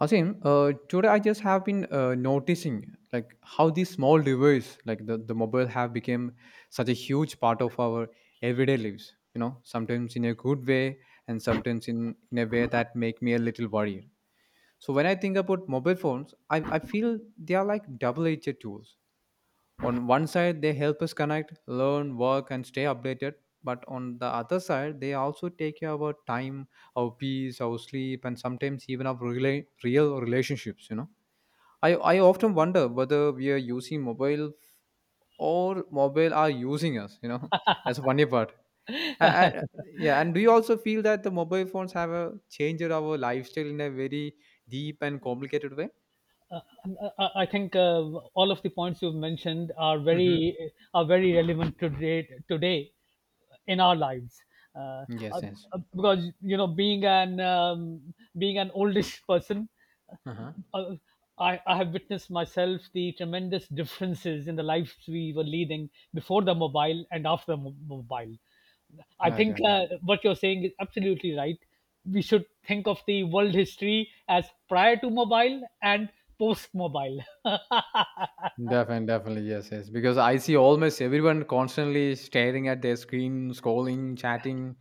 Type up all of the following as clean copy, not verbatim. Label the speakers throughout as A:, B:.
A: Hasim, today I just have been noticing like how these small devices, like the mobile, have become such a huge part of our everyday lives. Sometimes in a good way, and sometimes in a way that make me a little worried. So when I think about mobile phones, I feel they are like double-edged tools. On one side, they help us connect, learn, work, and stay updated. But on the other side, they also take care of our time, our peace, our sleep, and sometimes even our real relationships. I often wonder whether we are using mobile or mobile are using us. That's the funny part. I, I, yeah, and do you also feel that the mobile phones have changed our lifestyle in a very deep and complicated way?
B: I think all of the points you've mentioned are
A: Mm-hmm.
B: very relevant today in our lives. Uh,
A: Yes,
B: uh,
A: yes.
B: because being an oldish person,
A: Uh-huh.
B: uh, I have witnessed myself the tremendous differences in the lives we were leading before the mobile and after the mobile. I
A: Okay,
B: think
A: okay.
B: what you're saying is absolutely right. We should think of the world history as prior to mobile and post mobile. Yeah,
A: Definitely, definitely, yes, yes. Because I see almost everyone constantly staring at their screen, scrolling, chatting,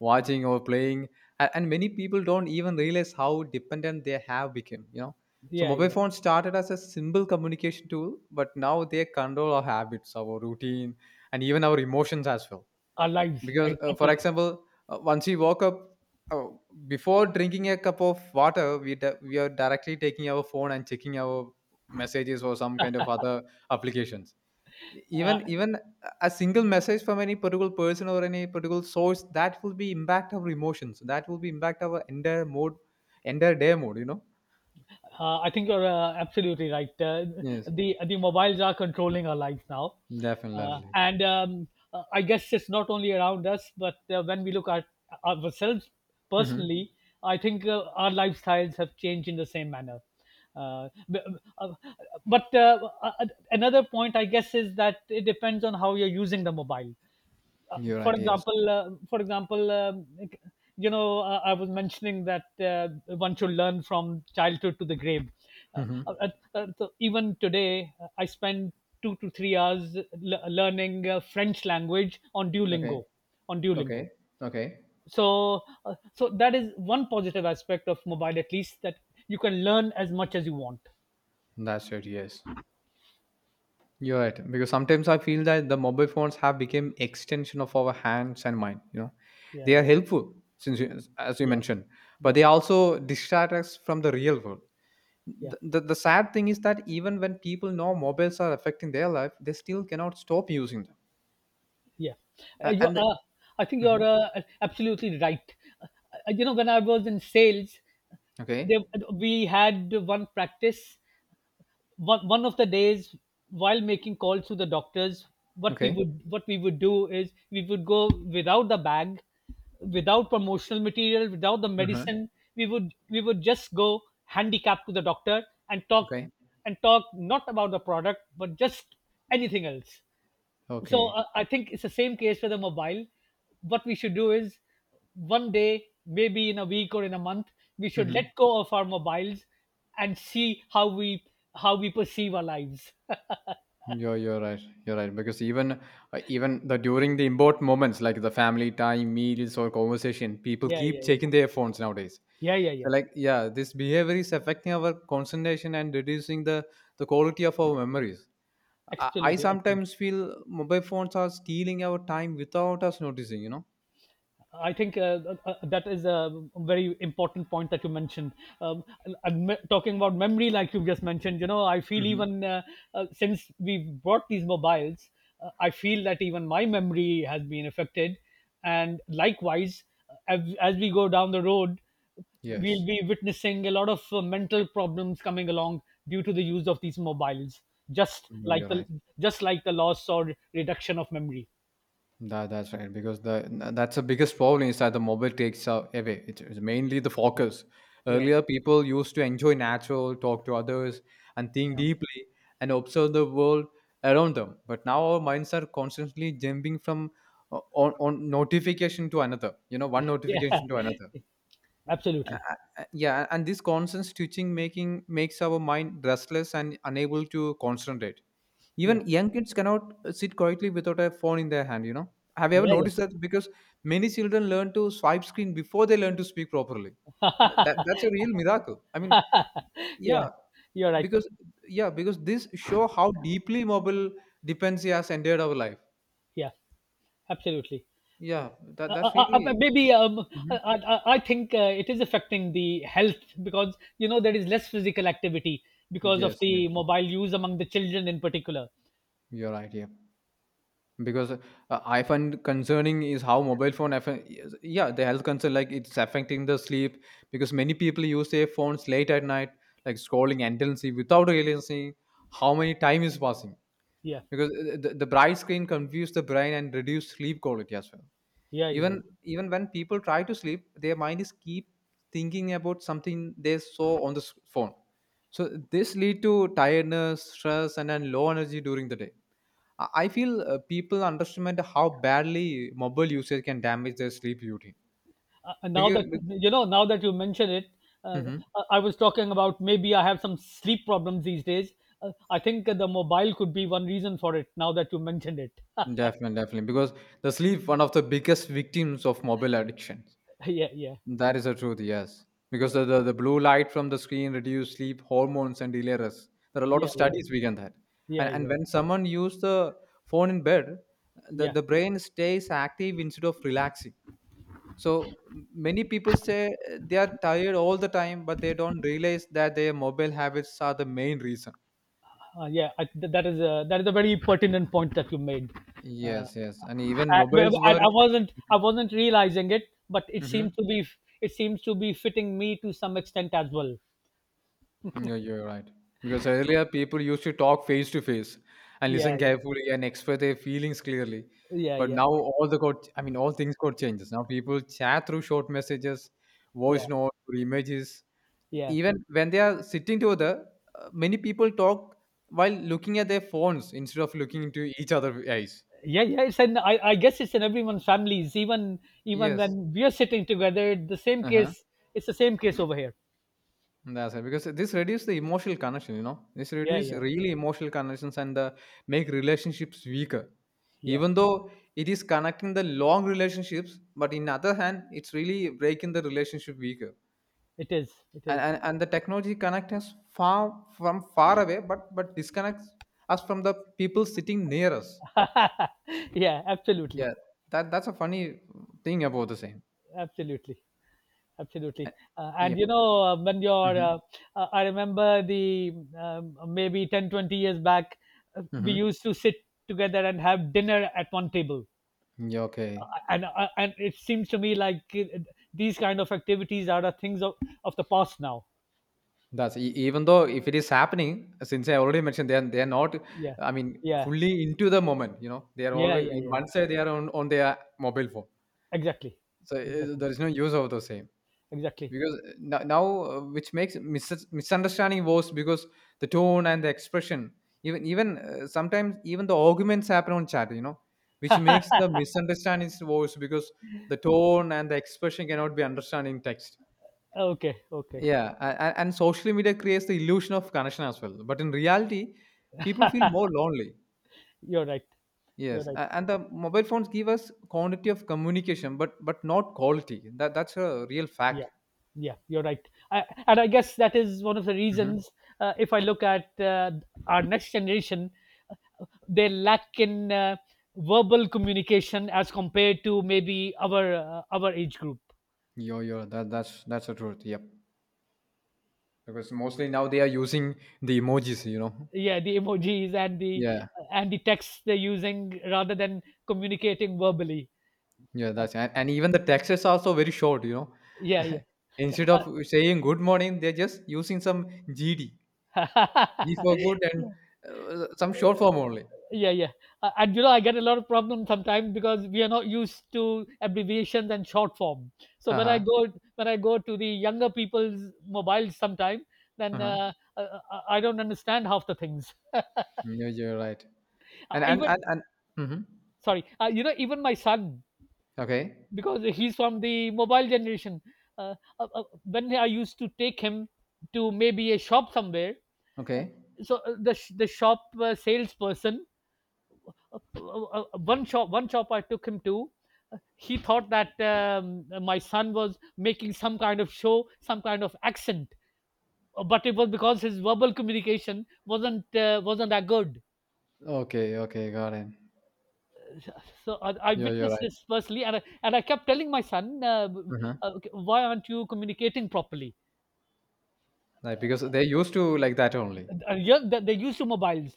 A: watching or playing, and many people don't even realize how dependent they have become. So
B: yeah,
A: mobile
B: yeah.
A: phones started as a simple communication tool, but now they control our habits, our routine, and even our emotions as well
B: Our lives,
A: because for
B: exactly.
A: example once we woke up uh, before drinking a cup of water we are directly taking our phone and checking our messages or some kind of other applications. E-
B: Uh,
A: even even a single message from any particular person or any particular source that will be impact our emotions that will be impact our entire mood entire day mood.
B: I think you're absolutely right.
A: Yes,
B: The mobiles are controlling our lives now,
A: definitely.
B: and I guess it's not only around us, but when we look at ourselves
A: Mm-hmm.
B: personally, I think our lifestyles have changed in the same manner. Uh, b- uh, but another point, I guess, is that it depends on how you're using the mobile.
A: You're right, yes.
B: For example, like, I was mentioning that one should learn from childhood to the grave. Uh,
A: Mm-hmm.
B: uh, so even today, I spend 2 to 3 hours learning French language on
A: Okay,
B: Duolingo. On
A: okay,
B: Duolingo.
A: okay.
B: So that is one positive aspect of mobile, at least that you can learn as much as you want.
A: That's it, yes. You're right. Because sometimes I feel that the mobile phones have become extension of our hands and mind.
B: Yeah,
A: They are
B: yeah,
A: helpful since you, as you
B: yeah,
A: mentioned, but
B: yeah,
A: they also distract us from the real world.
B: yeah.
A: The sad thing is that even when people know mobiles are affecting their life, they still cannot stop using them.
B: Yeah.
A: A-
B: You
A: And the,
B: are. I think you're
A: Mhm.
B: absolutely right. Uh, when I was in sales, there,
A: Okay,
B: we had one practice. One of the days, while making calls to the doctors, what we
A: okay.
B: would what we would do is we would go without the bag, without promotional material, without the
A: Mhm.
B: medicine. We would just go handicapped to the doctor and talk
A: Okay,
B: and talk not about the product but just anything else. so
A: okay.
B: uh, I think it's the same case for the mobile. What we should do is, one day maybe in a week or in a month, we should let
A: Mhm.
B: go of our mobiles and see how we perceive our lives.
A: You're right. You're right because even even the during the important moments like the family time, meals or conversation, people
B: Yeah,
A: keep
B: yeah, yeah,
A: checking their phones nowadays.
B: yeah, yeah,
A: So
B: yeah.
A: like, yeah, this behavior is affecting our concentration and reducing the quality of our memories. I
B: Absolutely, absolutely.
A: sometimes feel mobile phones are stealing our time without us noticing.
B: I think that is a very important point that you mentioned. Um, and talking about memory, like you just mentioned, I feel
A: Mm-hmm.
B: even since we bought these mobiles, I feel that even my memory has been affected. And likewise, as we go down the road, we'll
A: Yes.
B: be witnessing a lot of mental problems coming along due to the use of these mobiles, just
A: No,
B: like
A: you're
B: the
A: right.
B: just like the loss or reduction of memory.
A: That's right because that's the biggest problem is that the mobile takes away. It's mainly the focus.
B: Yeah,
A: Earlier, people used to enjoy natural, talk to others, and think
B: yeah,
A: deeply and observe the world around them. But now our minds are constantly jumping from on notification to another. One
B: yeah.
A: notification to another.
B: Absolutely.
A: Yeah, and this constant switching making makes our mind restless and unable to concentrate.
B: Yeah.
A: Even young kids cannot sit quietly without a phone in their hand. Have you ever
B: Yeah.
A: noticed that? Because many children learn to swipe screen before they learn to speak properly. Th- That,
B: Yeah.
A: that's a real miracle. I mean,
B: Yeah.
A: yeah,
B: You're right.
A: because yeah, because this show how deeply mobile dependency has entered our life.
B: Yeah. Absolutely. Yeah.
A: Yeah, that, that's really.
B: Maybe I,
A: Mhm.
B: I, I think it is affecting the health because there is less physical activity because of
A: Yes, yes,
B: the mobile use among the children in particular.
A: you're right. Yeah. Because I find concerning is how mobile phone affect, yeah, the health concern like it's affecting the sleep because many people use their phones late at night like scrolling endlessly without realizing how many time is passing
B: Yeah,
A: because the bright screen confuse the brain and reduce sleep quality as well.
B: yeah, yeah, yeah.
A: Even when people try to sleep their mind is keep thinking about something they saw on the phone. So this lead to tiredness stress and then low energy during the day. I feel people underestimate how badly mobile usage can damage their sleep routine.
B: And
A: Because,
B: now that you mention it, uh,
A: hmm
B: I was talking about maybe I have some sleep problems these days. I think the mobile could be one reason for it. Now that you mentioned it.
A: definitely, definitely, because the sleep one of the biggest victims of mobile addiction.
B: yeah, yeah,
A: That is the truth, yes. Because
B: yeah,
A: the blue light from the screen reduce sleep hormones and delay rest. There are a lot
B: yeah,
A: of
B: yeah,
A: studies we can that.
B: yeah,
A: And
B: yeah,
A: when someone use the phone in bed, the,
B: yeah.
A: the brain stays active instead of relaxing. So many people say they are tired all the time, but they don't realize that their mobile habits are the main reason.
B: Yeah, that is a very pertinent point that you made. Uh,
A: Yes, yes, and even
B: I,
A: mobiles
B: I
A: work.
B: wasn't realizing it, but it seems
A: Mhm.
B: to be it seems to be fitting me to some extent as well.
A: Yeah, you're right. Because earlier people used to talk face to face and
B: Yeah,
A: listen
B: yeah,
A: carefully and express their feelings clearly.
B: yeah,
A: But
B: yeah,
A: now all the got, I mean, all things got changes. Now people chat through short messages,
B: yeah,
A: voice notes, or images.
B: yeah.
A: Even when they are sitting together, many people talk while looking at their phones instead of looking into each other eyes.
B: Yeah, yeah, it's an I guess it's in everyone's families. Even
A: Yes.
B: when we are sitting together, the same
A: Uh-huh.
B: case it's the same case over here.
A: That's it. Because this reduce the emotional connection. This
B: Yeah,
A: reduce
B: yeah,
A: really emotional connections and the make relationships weaker.
B: yeah.
A: Even though it is connecting the long relationships, but in other hand, it's really breaking the relationship weaker.
B: It is. It
A: And
B: is.
A: and, and the technology connects us far from far away, but disconnects us from the people sitting near us.
B: Yeah, absolutely.
A: Yeah, that's a funny thing about the same.
B: Absolutely. Absolutely. And
A: Yep.
B: you know when you're
A: Mm-hmm.
B: I remember the maybe 10, 20 years back. We
A: Mm-hmm.
B: used to sit together and have dinner at one table.
A: Yeah.
B: Uh,
A: Okay.
B: and uh, and it seems to me like these kind of activities are the things of the past now.
A: That's e even though if it is happening, since I already mentioned, they're not,
B: Yeah,
A: I mean,
B: yeah,
A: fully into the moment. They are
B: yeah,
A: always
B: yeah,
A: in
B: yeah.
A: one side they are on their mobile phone,
B: Exactly,
A: so
B: exactly,
A: there is no use of the same
B: exactly.
A: because now, which makes misunderstanding worse because the tone and the expression, even sometimes even the arguments happen on chat. Which makes the misunderstandings worse because the tone and the expression cannot be understood in text.
B: Okay, okay,
A: Yeah, and social media creates the illusion of connection as well. But in reality, people feel more lonely.
B: you're right, you're
A: Yes,
B: right.
A: and the mobile phones give us quantity of communication, but not quality. That that's a real fact.
B: Yeah, yeah, you're right. I guess that is one of the
A: Mm-hmm.
B: reasons. If I look at our next generation, they lack in verbal communication as compared to maybe our age group.
A: Yo, yo, that that's the truth. Yep, because mostly now they are using the emojis.
B: Yeah, the emojis and the
A: Yeah,
B: and the texts they're using rather than communicating verbally.
A: yeah,
B: Uh,
A: that's, and even the texts are also very short.
B: yeah, yeah.
A: Instead of saying good morning, they're just using some GD, G for good, and
B: Yeah.
A: some short form only.
B: Yeah, yeah. And I get a lot of problems sometimes because we are not used to abbreviations and short form. So
A: Uh
B: when i
A: huh.
B: go when i go to the younger people's mobiles sometime,
A: Uh
B: then
A: huh.
B: I don't understand half the things.
A: Yeah, you're right.
B: I even
A: And Mm-hmm.
B: Sorry, even my son,
A: Okay,
B: because he's from the mobile generation. uh, when I used to take him to maybe a shop somewhere, uh,
A: okay,
B: the shop salesperson, uh, uh, uh, one shop I took him to, he thought that my son was making some kind of show, some kind of accent, but it was because his verbal communication wasn't that good.
A: okay, okay, got it.
B: So I
A: Yeah, you're
B: witnessed
A: right.
B: this personally, and I kept telling my son,
A: Uh-huh.
B: "Okay, why aren't you communicating properly?"
A: Like because they used to like that only.
B: Yeah, they used to mobiles,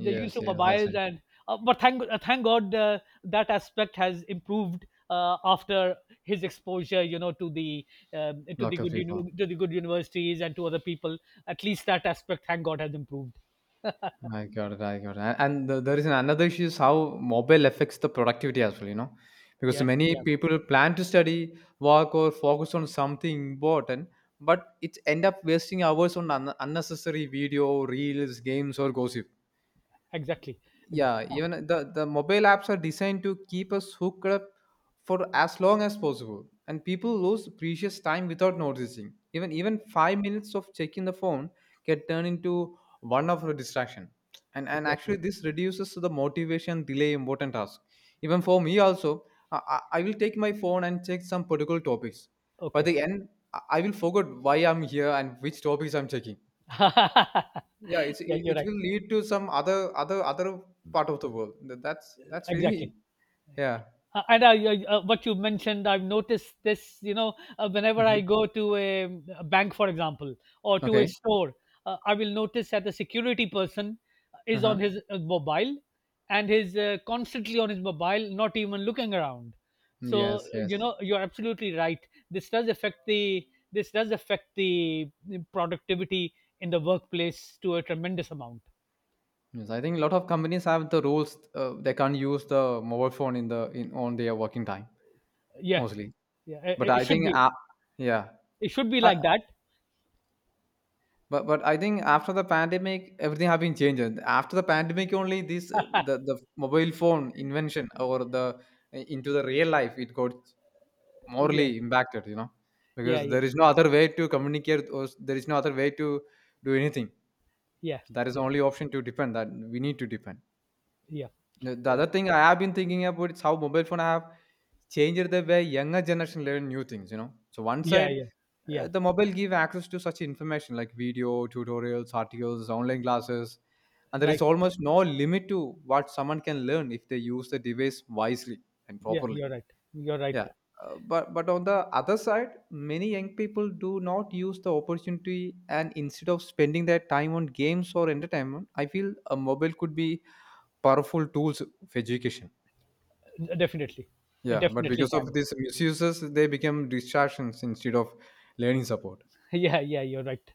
B: the use
A: Yes,
B: of
A: yes, that's
B: mobiles,
A: right.
B: and but thank god, that aspect has improved after his exposure, to the
A: Lot of
B: good
A: people.
B: uni- to the good universities and to other people. At least that aspect, thank god, has improved.
A: I got it. I got it. And there is another issue is how mobile affects the productivity as well. Because
B: Yeah,
A: many
B: yeah,
A: people plan to study, work, or focus on something important, but it end up wasting hours on unnecessary video, reels, games, or gossip.
B: exactly, exactly,
A: Yeah,
B: ah,
A: even the mobile apps are designed to keep us hooked up for as long as possible and people lose precious time without noticing. Even 5 minutes of checking the phone can turn into 1 hour of distraction. And
B: exactly.
A: actually this reduces the motivation delay important task. Even for me also, I will take my phone and check some particular topics. By
B: Okay.
A: the end, I will forget why I'm here and which topics I'm checking. Yeah, it's
B: Yeah,
A: it
B: you're
A: it
B: right,
A: will lead to some other part of the world. That's
B: exactly.
A: really. Yeah.
B: And what you mentioned, I've noticed this. Whenever
A: Hmm.
B: I go to a bank, for example, or to a
A: Okay.
B: store, I will notice that the security person is
A: Uh-huh.
B: on his mobile and is constantly on his mobile, not even looking around. So uh,
A: Yes,
B: you
A: yes,
B: know, you're absolutely right. This does affect the this does affect the productivity in the workplace to a tremendous amount.
A: yes. I think a lot of companies have the rules. They can't use the mobile phone in the in on their working time
B: Yeah,
A: mostly.
B: yeah,
A: But
B: it
A: I
B: should
A: think,
B: be.
A: yeah.
B: It should be
A: Uh,
B: like that.
A: but I think after the pandemic, everything have been changed. And after the pandemic, only this the mobile phone invention or the into the real life it got
B: Yeah,
A: morally impacted.
B: yeah,
A: Because
B: yeah.
A: there is no other way to communicate or there is no other way to do anything.
B: Yeah,
A: So that is the
B: yeah,
A: only option to depend that we need to depend
B: yeah,
A: the
B: yeah,
A: other thing I have been thinking about is how mobile phone have changed the way younger generation learn new things. So one
B: yeah,
A: side
B: yeah, yeah.
A: the mobile give access to such information like video tutorials articles online classes and there is
B: Right.
A: almost no limit to what someone can learn if they use the device wisely and
B: Yeah,
A: properly.
B: you're right. You're right.
A: Yeah, but on the other side, many young people do not use the opportunity, and instead of spending their time on games or entertainment, I feel a mobile could be powerful tools of education.
B: Definitely, it
A: Yeah, but
B: definitely
A: because of
B: can.
A: these misuses, they become distractions instead of learning support.
B: Yeah, yeah, you're right.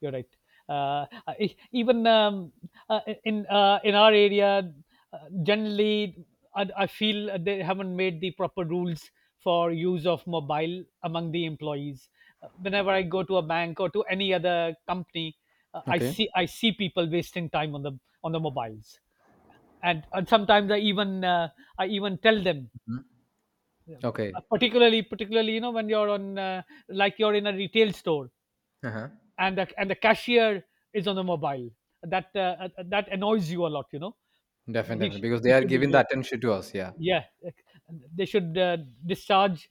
B: You're right. Even in our area, generally, I feel they haven't made the proper rules for use of mobile among the employees. Whenever I go to a bank or to any other company, I
A: Okay.
B: see I see people wasting time on the mobiles. And sometimes I even tell them,
A: Mhm.
B: uh,
A: Okay.
B: particularly when you're on like you're in a retail store,
A: Uh-huh.
B: and the cashier is on the mobile. That annoys you a lot,
A: Definitely, definitely, because they
B: he
A: are
B: should
A: giving the
B: be.
A: attention to us. Yeah,
B: Yeah, they should discharge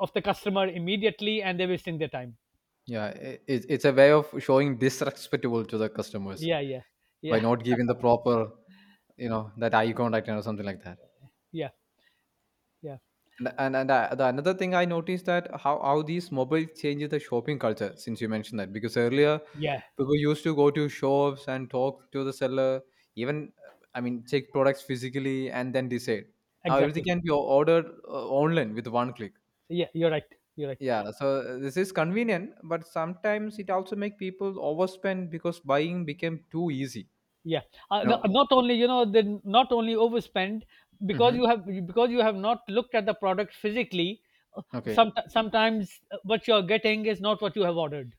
B: of the customer immediately, and they're wasting their time.
A: yeah. It's a way of showing disrespectable to the customers
B: Yeah, yeah,
A: by
B: yeah,
A: not giving the proper, that eye contact and or something like that.
B: yeah, yeah,
A: And the another thing I noticed that how these mobiles changes the shopping culture since you mentioned that, because earlier
B: yeah,
A: people used to go to shops and talk to the seller, even I mean check products physically and then decide. Now everything
B: exactly,
A: can be ordered online with one click.
B: yeah, you're right, you're right.
A: Yeah, so this is convenient, but sometimes it also make people overspend because buying became too easy.
B: Yeah,
A: You know.
B: not only, they not only overspend, because
A: Hmm.
B: you have not looked at the product physically. uh,
A: Okay,
B: Sometimes what you're getting is not what you have ordered.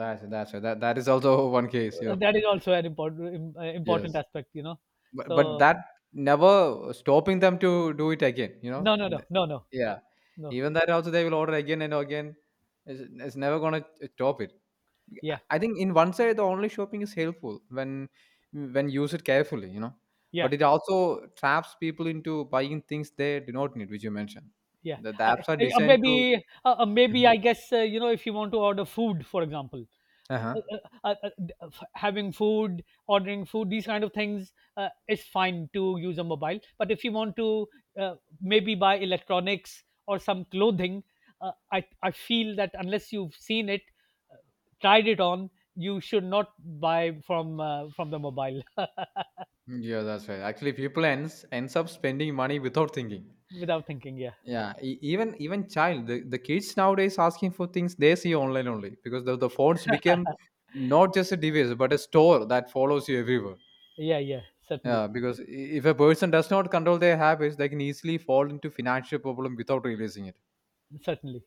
A: that's right. That is also one case. You know.
B: That is also an important
A: Yes.
B: aspect.
A: But
B: So
A: that never stopping them to do it again, you know?
B: no, no, no,
A: Th-
B: no, no,
A: Yeah.
B: no.
A: Even that also they will order again and again. It's never gonna stop it. I
B: Yeah,
A: I think in one side the online shopping is helpful when use it carefully, you know.
B: yeah.
A: But it also traps people into buying things they do not need, which you mentioned.
B: Yeah,
A: The
B: I,
A: apps are designed to.
B: maybe
A: Mhm.
B: I guess, if you want to order food, for example,
A: Uh-huh.
B: uh, uh, having food, ordering food, these kind of things is fine to use a mobile. But if you want to uh, maybe buy electronics or some clothing, I feel that unless you've seen it, tried it on, you should not buy from the mobile.
A: Yeah, that's right. Actually, people ends up spending money without thinking.
B: Without thinking. Yeah,
A: Yeah, even even child the kids nowadays asking for things they see online only because the phones became not just a device but a store that follows you everywhere.
B: yeah, yeah, certainly,
A: Yeah, because if a person does not control their habits, they can easily fall into financial problem without realizing it.
B: certainly.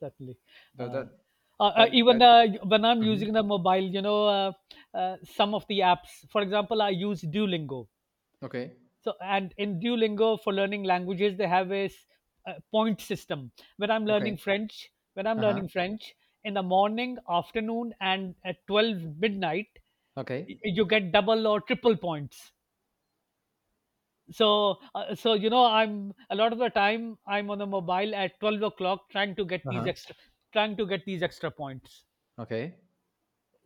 B: Certainly.
A: That
B: Uh,
A: that that,
B: Even
A: that
B: when I'm
A: Mhm.
B: using the mobile, some of the apps. For example, I use Duolingo.
A: Okay,
B: And in Duolingo for learning languages, they have a point system. When I'm learning
A: okay.
B: French, when I'm
A: uh huh
B: learning French in the morning, afternoon, and at 12 midnight,
A: okay.
B: you get double or triple points. So I'm a lot of the time I'm on the mobile at 12 o'clock trying to get
A: uh
B: these
A: huh
B: extra, trying to get these extra points.
A: okay.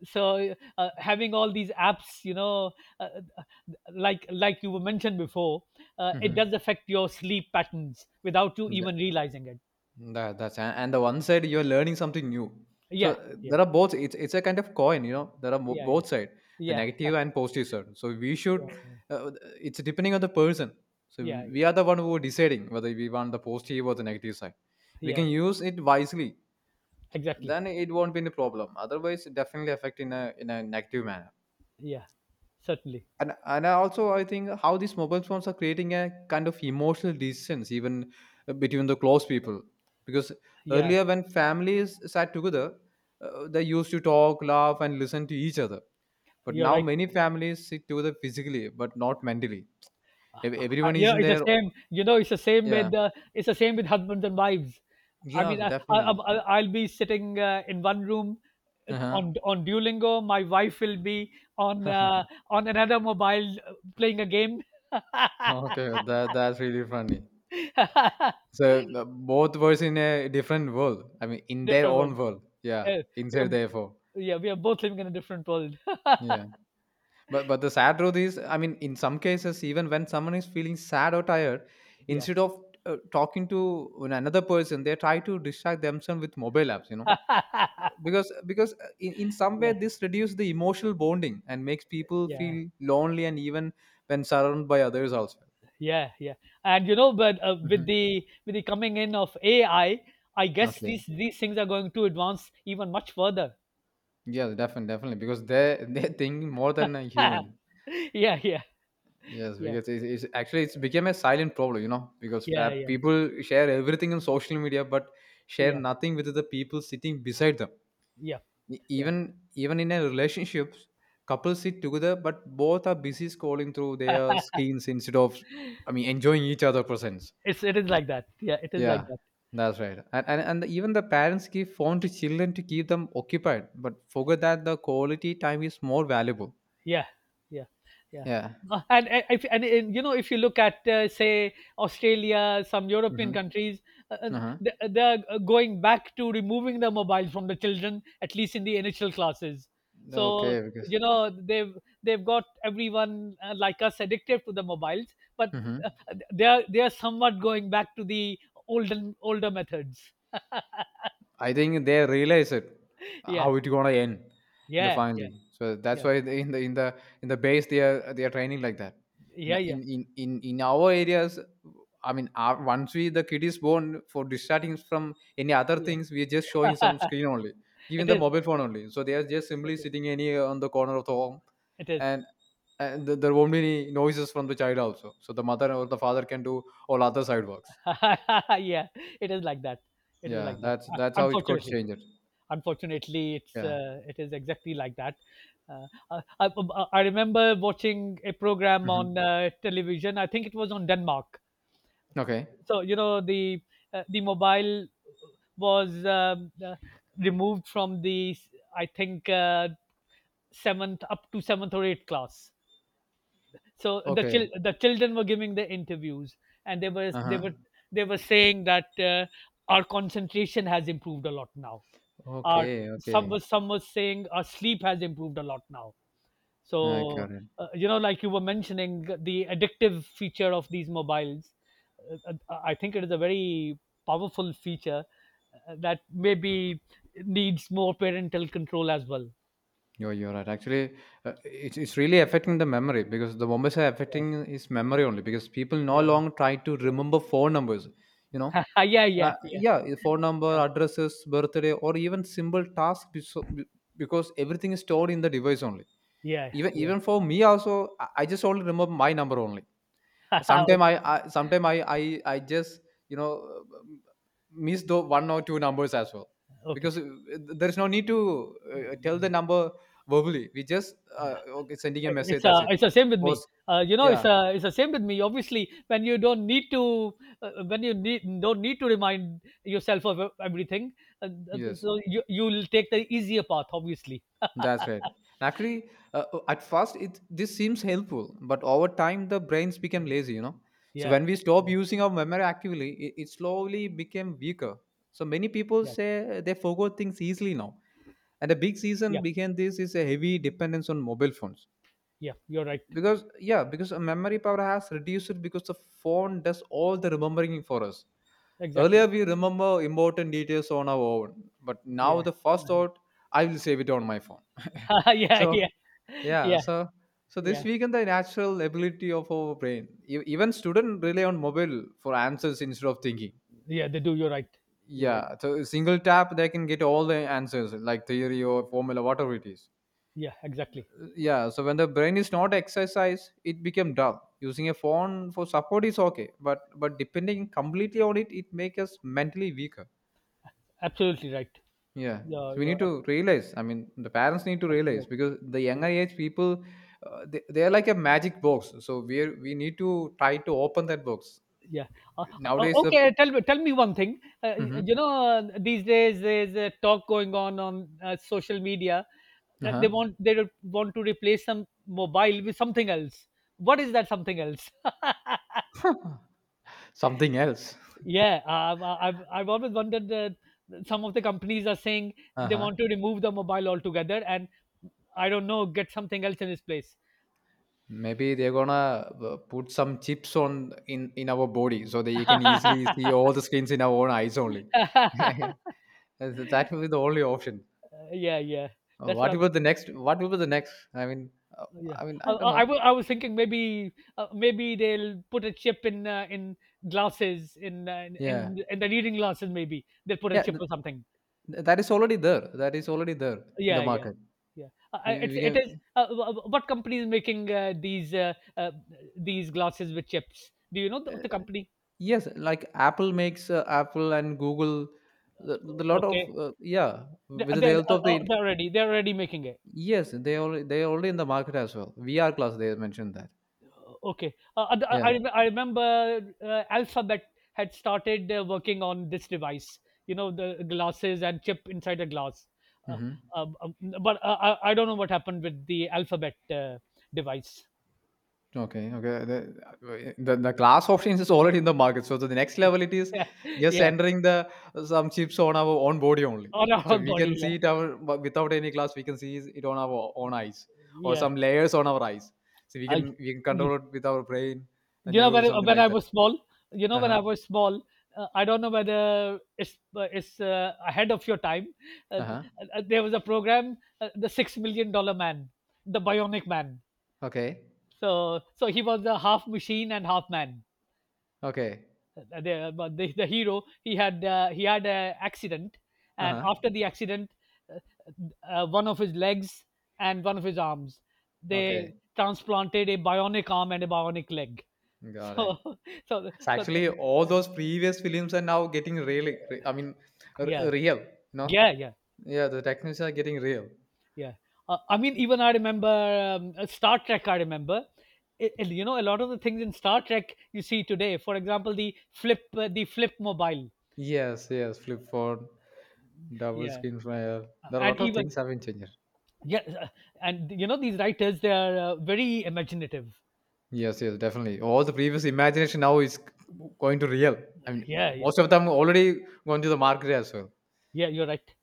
B: So having all these apps, uh, uh, like you mentioned before, it
A: Mm-hmm.
B: does affect your sleep patterns without you even
A: Yeah.
B: realizing it.
A: That's and the one side you're learning something new. So
B: Yeah, yeah,
A: there are both. It's a kind of coin, you know. There are
B: yeah, yeah,
A: both side, the
B: yeah,
A: negative and positive side. So we should.
B: yeah,
A: Uh, it's depending on the person. So
B: yeah,
A: we
B: yeah,
A: are the one who are deciding whether we want the positive or the negative side. We
B: yeah,
A: can use it wisely.
B: exactly,
A: Then it won't be any problem. Otherwise, it definitely affect in a negative manner.
B: yeah, certainly,
A: And I also I think how these mobile phones are creating a kind of emotional distance even between the close people, because
B: yeah,
A: earlier when families sat together they used to talk, laugh and listen to each other, but
B: you're
A: now
B: right.
A: many families sit together physically but not mentally. Everyone is
B: Yeah,
A: in
B: it's the
A: their.
B: same.
A: Yeah,
B: It's the same with husbands and wives. I
A: yeah,
B: mean, I, I,
A: definitely.
B: I, I'll be sitting in one room
A: Uh-huh.
B: on Duolingo. My wife will be on uh, on another mobile playing a game.
A: Okay, that's really funny. So both were in a different world, I mean in their
B: Different
A: own
B: one.
A: world. Yeah,
B: Uh, we
A: inside
B: are,
A: their phone.
B: yeah, we are both living in a different world.
A: Yeah. But the sad truth is, I mean, in some cases, even when someone is feeling sad or tired,
B: Yeah,
A: instead of talking to another person, they try to distract themselves with mobile apps. You know, because in some way
B: yeah,
A: this reduces the emotional bonding and makes people
B: yeah.
A: feel lonely and even when surrounded by others also.
B: Yeah, yeah, and you know, but
A: Hmm.
B: with the coming in of AI, I guess
A: Okay.
B: these things are going to advance even much further.
A: Yeah, definitely, definitely, because they they think more than a
B: Yeah,
A: human.
B: yeah, yeah,
A: Yes,
B: yeah,
A: because it's actually it's become a silent problem, you know, because
B: yeah,
A: people share everything on social media, but share
B: yeah,
A: nothing with the people sitting beside them.
B: yeah, yeah.
A: Even even in a relationships, couples sit together, but both are busy scrolling through their screens instead of, I mean, enjoying each other' presence.
B: It is like that. Yeah, it is like
A: Yeah,
B: that.
A: that's right. And even the parents give phone to children to keep them occupied, but forget that the quality time is more valuable.
B: Yeah, yeah, yeah.
A: Yeah.
B: And you know, if you look at say Australia, some European
A: Mm-hmm.
B: countries, uh, uh,
A: Uh-huh.
B: they're going back to removing the mobile from the children, at least in the initial classes. So
A: Okay, because.
B: you know they've got everyone like us addicted to the mobiles, but
A: Mm-hmm.
B: they are somewhat going back to the olden older methods.
A: I think they realize it
B: Yeah,
A: how it gonna end in the
B: yeah, yeah,
A: finally. So that's
B: yeah,
A: why they, in the in the in the base they are training like that.
B: yeah,
A: Now,
B: yeah,
A: in in our areas, I mean, our, once we the kid is born for distracting from any other
B: yeah.
A: things, we are just showing some screen only, giving
B: It
A: the
B: is.
A: mobile phone only. So they are just
B: It
A: simply
B: is.
A: sitting any on the corner of the home,
B: It is.
A: and and there won't be any noises from the child also. So the mother or the father can do all other side works.
B: Yeah, it is like that. It is
A: Yeah,
B: like that.
A: that's
B: Un-
A: that's how it could
B: Unfortunately,
A: change it.
B: unfortunately, it's
A: Yeah.
B: it is exactly like that. I remember watching a program
A: Hmm.
B: on television. I think it was on Denmark.
A: Okay.
B: So you know the mobile was removed from the, I think seventh, up to seventh or eighth class. So
A: Okay.
B: the children were giving the interviews, and they were they
A: Uh-huh.
B: were they were saying that our concentration has improved a lot now. Our,
A: Okay, okay.
B: some was saying our sleep has improved a lot now.
A: I
B: So
A: got it.
B: you know, like you were mentioning, the addictive feature of these mobiles, I think it is a very powerful feature that maybe needs more parental control as well.
A: You're right. Actually, it's really affecting the memory, because the Bombas are
B: Yeah,
A: affecting is memory only because people no
B: yeah,
A: longer try to remember phone numbers. You know,
B: yeah. Yeah, yeah, yeah,
A: yeah, your phone number,
B: yeah,
A: addresses, birthday, or even simple tasks, because everything is stored in the device only.
B: yeah,
A: Even
B: yeah.
A: even for me also, I just only remember my number only.
B: Okay,
A: Sometime I just, you know, um, miss the one or two numbers as well
B: okay.
A: because there's no need to tell the number verbally, we just okay, sending a message, that's it.
B: It's the same with
A: Or
B: me.
A: s-.
B: You know,
A: Yeah.
B: it's the same with me. Obviously, when you don't need to, when you need don't need to remind yourself of everything, uh,
A: Yes.
B: so you you'll take the easier path. Obviously,
A: That's right. Actually, at first, it this seems helpful, but over time, the brains become
B: yeah,
A: lazy. You know, so
B: yeah,
A: when we stop
B: yeah,
A: using our memory actively, it slowly became weaker. So many people
B: yeah,
A: say they forgot things easily now, and a big reason
B: yeah.
A: behind this is a heavy dependence on mobile phones,
B: Yeah. You're right.
A: because yeah because a memory power has reduced because the phone does all the remembering for us.
B: Exactly.
A: Earlier we remember important details on our own, but now
B: Yeah.
A: the first thought, I will save it on my phone.
B: Yeah,
A: So
B: yeah,
A: yeah,
B: yeah,
A: so so
B: yeah,
A: this weakened the natural ability of our brain. Even students rely on mobile for answers instead of thinking.
B: yeah. They do. You're right. You're right.
A: Yeah, so a single tap they can get all the answers, like theory or formula whatever it is.
B: Yeah, exactly.
A: Yeah, so when the brain is not exercised it become dull. Using a phone for support is okay, but depending completely on it, it makes us mentally weaker.
B: Absolutely right.
A: Yeah,
B: You're
A: so we need
B: you're ab-
A: to realize, I mean the parents need to realize,
B: Absolutely.
A: because the younger age people, they are like a magic box, so we are we need to try to open that box.
B: Yeah. Uh,
A: Nowadays the.
B: okay. Tell me. Tell me one thing.
A: Mhm.
B: You know, these days there's a talk going on social media that
A: Uh-huh.
B: they want they re- want to replace some mobile with something else. What is that something else?
A: Something else.
B: Yeah. I've always wondered. Some of the companies are saying they
A: Uh-huh.
B: want to remove the mobile altogether, and I don't know, get something else in its place.
A: Maybe they're gonna put some chips on in our body so that you can easily see all the screens in our own eyes only. That will be the only option.
B: Yeah, yeah. That's what
A: What
B: I'm.
A: about the next? What will be the next? I mean, uh,
B: Yeah,
A: I don't know.
B: I was thinking maybe maybe they'll put a chip in glasses, in
A: Yeah,
B: in the reading glasses. Maybe they'll put a
A: yeah.
B: chip
A: Th-
B: or something.
A: that is already there. That is already there in the
B: Yeah, yeah,
A: market.
B: yeah. It's
A: We
B: it is.
A: can,
B: What company is making these glasses with chips? Do you know
A: uh,
B: the company?
A: yes, like Apple makes Apple and Google. The lot of
B: Okay,
A: yeah, with the
B: they're,
A: help of the,
B: they're already making it.
A: yes, they already in the market as well. VR class they mentioned that.
B: Okay.
A: Yeah.
B: I remember Alphabet had started working on this device, you know, the glasses and chip inside the glass. Uh,
A: Mhm.
B: um, um, but I don't know what happened with the Alphabet device.
A: Okay, okay. The glass options is already in the market. So the next level it is
B: Yeah,
A: just
B: yeah,
A: entering the some chips on our own body only.
B: on our
A: So
B: own
A: we
B: body.
A: can see
B: Yeah,
A: it our but without any glass. We can see it on our own eyes or
B: yeah.
A: some layers on our eyes. So
B: I,
A: we can
B: you
A: control it with our brain and
B: you know,
A: nerve something
B: when
A: like
B: I
A: that.
B: was small, you know,
A: Uh
B: when
A: huh.
B: I was small, I don't know whether it's, ahead of your time. Uh,
A: Uh huh.
B: there was a program, The Six Million Dollar Man, The Bionic Man.
A: Okay.
B: So so he was a half machine and half man.
A: Okay.
B: But the hero, he had an accident,
A: Uh
B: and
A: huh.
B: after the accident, uh, one of his legs and one of his arms,
A: Okay.
B: they transplanted a bionic arm and a bionic leg.
A: Got it.
B: So so
A: So
B: so
A: actually, all those previous films are now getting really. I mean,
B: yeah,
A: real. No.
B: yeah, yeah,
A: Yeah, the technology are getting real.
B: yeah. I mean, even I remember Star Trek. I remember. You know, a lot of the things in Star Trek you see today. For example, the flip mobile.
A: Yes, yes, flip phone, double
B: Yeah,
A: screen flyer. There are a
B: and
A: lot of
B: even,
A: things have been changed.
B: yeah, and you know, these writers, they are very imaginative.
A: Yes, yes, definitely. All the previous imagination now is going to real. I mean,
B: Yeah, yeah,
A: most of them already gone to the market as well.
B: yeah, you're right.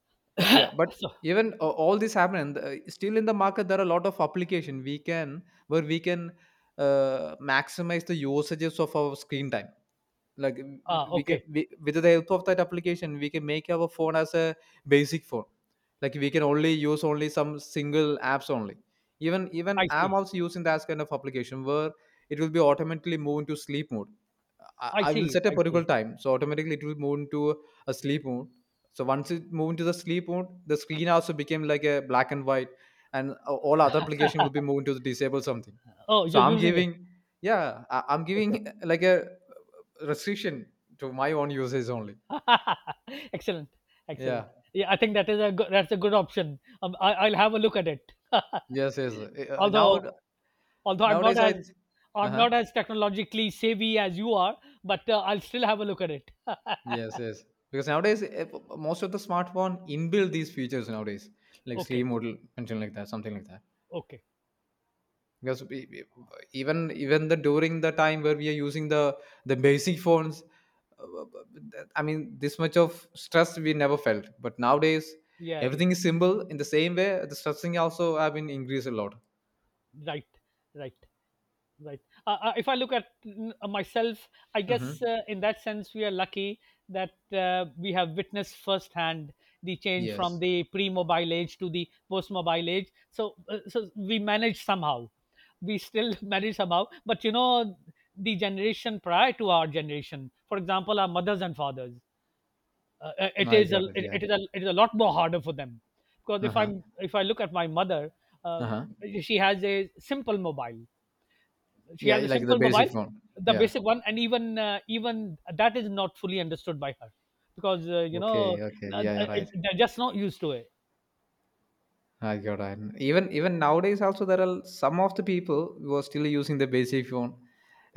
A: Yeah, but
B: So,
A: even all this happened. Still in the market, there are a lot of application we can where we can maximize the usages of our screen time. Like w-,
B: ah,
A: we can
B: okay.
A: we, with the help of that application we can make our phone as a basic phone, like we can only use only some single apps only. Even even
B: I
A: I'm
B: see,
A: also using that kind of application where it will be automatically move into sleep mode. I,
B: I
A: I will
B: see,
A: set a
B: I see.
A: particular time so automatically it will move into a sleep mode. So once it move into the sleep mode the screen also became like a black and white, and all other application will be moved to disable something.
B: Oh,
A: So
B: you're
A: I'm
B: using it.
A: giving, yeah I'm
B: Okay.
A: giving like a restriction to my own usage only.
B: Excellent, excellent.
A: Yeah.
B: Yeah, I think that is a good, that's a good option. I'll have a look at it.
A: Yes. Yes. Now
B: Although, although i'm not
A: nowadays I.
B: as
A: Uh
B: I'm
A: huh.
B: not as technologically savvy as you are, but I'll still have a look at it.
A: Yes. Yes. Because nowadays eh, most of the smartphone inbuilt these features nowadays, like sleep
B: Okay,
A: mode, something like that, something like that.
B: okay.
A: Because we, even even the during the time where we are using the basic phones, uh, I mean this much of stress we never felt. But nowadays
B: Yeah, yeah.
A: everything is simple. In the same way, the stressing also have been increased a lot.
B: Right, right. Right. If I look at myself, I
A: Mm-hmm.
B: guess in that sense we are lucky that we have witnessed firsthand the change
A: Yes.
B: from the pre-mobile age to the post-mobile age. So, so we manage somehow. We still manage somehow. But you know, the generation prior to our generation, for example, our mothers and fathers,
A: No,
B: it
A: I
B: is
A: got it. Yeah.
B: it is a lot more harder for them because
A: Uh-huh,
B: if I look at my mother, uh,
A: uh-huh.
B: she has a simple mobile, she
A: Yeah,
B: has a
A: like the
B: simple
A: basic
B: mobile,
A: phone.
B: the
A: Yeah.
B: basic one, and even even that is not fully understood by her, because you know,
A: Okay, okay.
B: uh,
A: Yeah,
B: uh,
A: you're right.
B: they're just not used to it.
A: I got it. Even even nowadays also there are some of the people who are still using the basic phone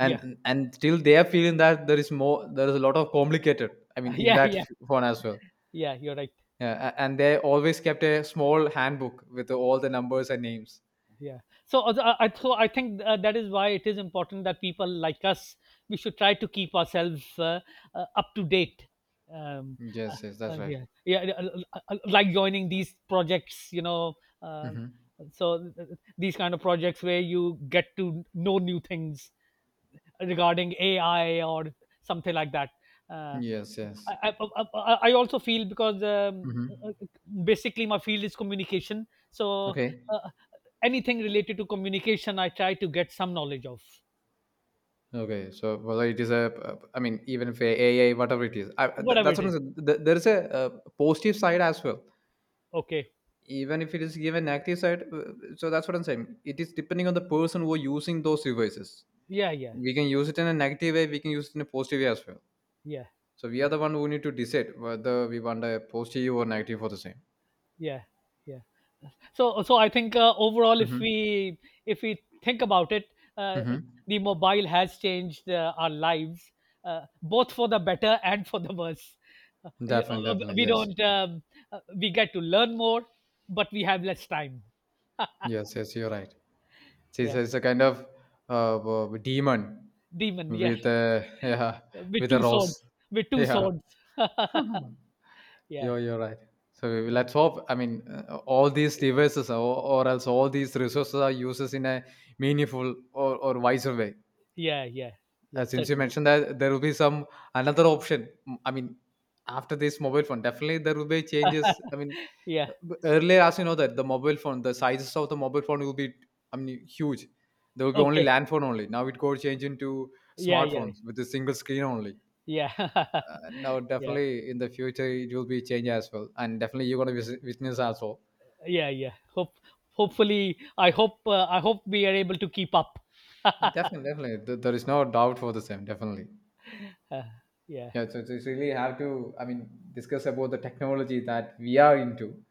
B: Yeah,
A: and still they are feeling that there is more there is a lot of complicated, I mean in
B: yeah,
A: that
B: yeah,
A: phone as well.
B: yeah. You're right.
A: Yeah, and they always kept a small handbook with all the numbers and names.
B: Yeah. So I think that is why it is important that people like us, we should try to keep ourselves up to date. Um, uh,
A: Yes, yes, that's right.
B: yeah, yeah, like joining these projects, you know, uh,
A: Mm-hmm.
B: so these kind of projects where you get to know new things regarding AI or something like that. Uh,
A: Yes, yes.
B: Also feel, because
A: Mm-hmm.
B: basically my field is communication. So
A: Okay.
B: uh, anything related to communication, I try to get some knowledge of
A: Okay, so well, it is a. Uh, I mean, even if AI, whatever it is, I,
B: whatever
A: that's
B: it
A: what I'm
B: is.
A: saying. Th- there is a, uh, positive side as well.
B: Okay.
A: Even if it is given negative side, so that's what I'm saying. It is depending on the person who are using those devices.
B: Yeah. Yeah.
A: We can use it in a negative way. We can use it in a positive way as well.
B: Yeah.
A: So we are
B: Yeah.
A: the one who need to decide whether we want a positive or negative for the same.
B: Yeah. Yeah. So so I think overall,
A: Mm-hmm.
B: if we think about it, uh,
A: Mm-hmm.
B: the mobile has changed our lives, both for the better and for the worse. You-
A: Definitely, definitely,
B: we
A: yes,
B: don't We get to learn more but we have less time.
A: yes, yes. You're right. She's,
B: Yeah,
A: she's a kind of demon
B: demon, yeah,
A: with a yeah,
B: with
A: with a
B: two
A: rose.
B: swords, with two
A: Yeah,
B: swords. Yeah,
A: you're right. So we-
B: yeah,
A: let's hope. I mean, all these devices or else all these resources are uses in a meaningful or wiser way.
B: yeah, yeah, yeah,
A: Since you
B: certainly,
A: mentioned that there will be some another option, I mean, after this mobile phone, definitely there will be changes. I mean,
B: yeah,
A: earlier, as you know, that the mobile phone, the sizes of the mobile phone will be, I mean, huge. There will be only
B: okay,
A: land phone only. Now it goes change into
B: yeah, yeah,
A: smartphones with a single screen only.
B: yeah.
A: Now,
B: Yeah,
A: definitely in the future, it will be change as well, and definitely you're gonna witness as well.
B: yeah, yeah, hope, hopefully, I hope, I hope we are able to keep up.
A: Definitely, definitely, Th- there is no doubt for the same. Definitely.
B: uh, yeah,
A: Yeah, so so it's really have to, I mean, discuss about the technology that we are into.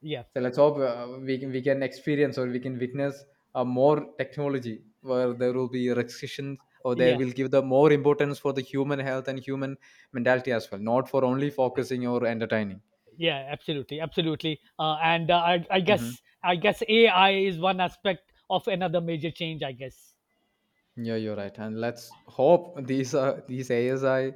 B: yeah,
A: So let's hope we can experience or we can witness more technology where there will be restrictions or they
B: yeah,
A: will give the more importance for the human health and human mentality as well, not for only focusing or entertaining.
B: yeah, absolutely, absolutely. And I
A: Hmm.
B: guess I guess AI is one aspect of another major change, I guess.
A: Yeah, you're right. And let's hope these are these ASI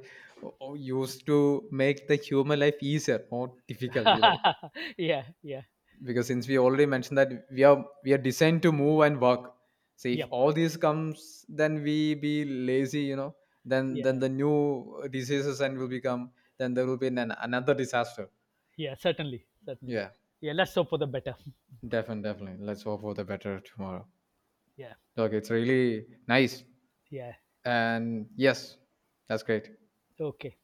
A: used to make the human life easier, more difficult. You know.
B: Yeah, yeah,
A: Because since we already mentioned that we are designed to move and work, so if
B: yep,
A: all these comes then we be lazy you know, then
B: yeah,
A: the new diseases and will become, then there will be an, another disaster.
B: yeah, certainly, certainly,
A: Yeah,
B: yeah, let's hope for the better.
A: definitely, definitely, let's hope for the better tomorrow.
B: Yeah,
A: Okay, it's really nice
B: yeah,
A: and yes, that's great.
B: okay.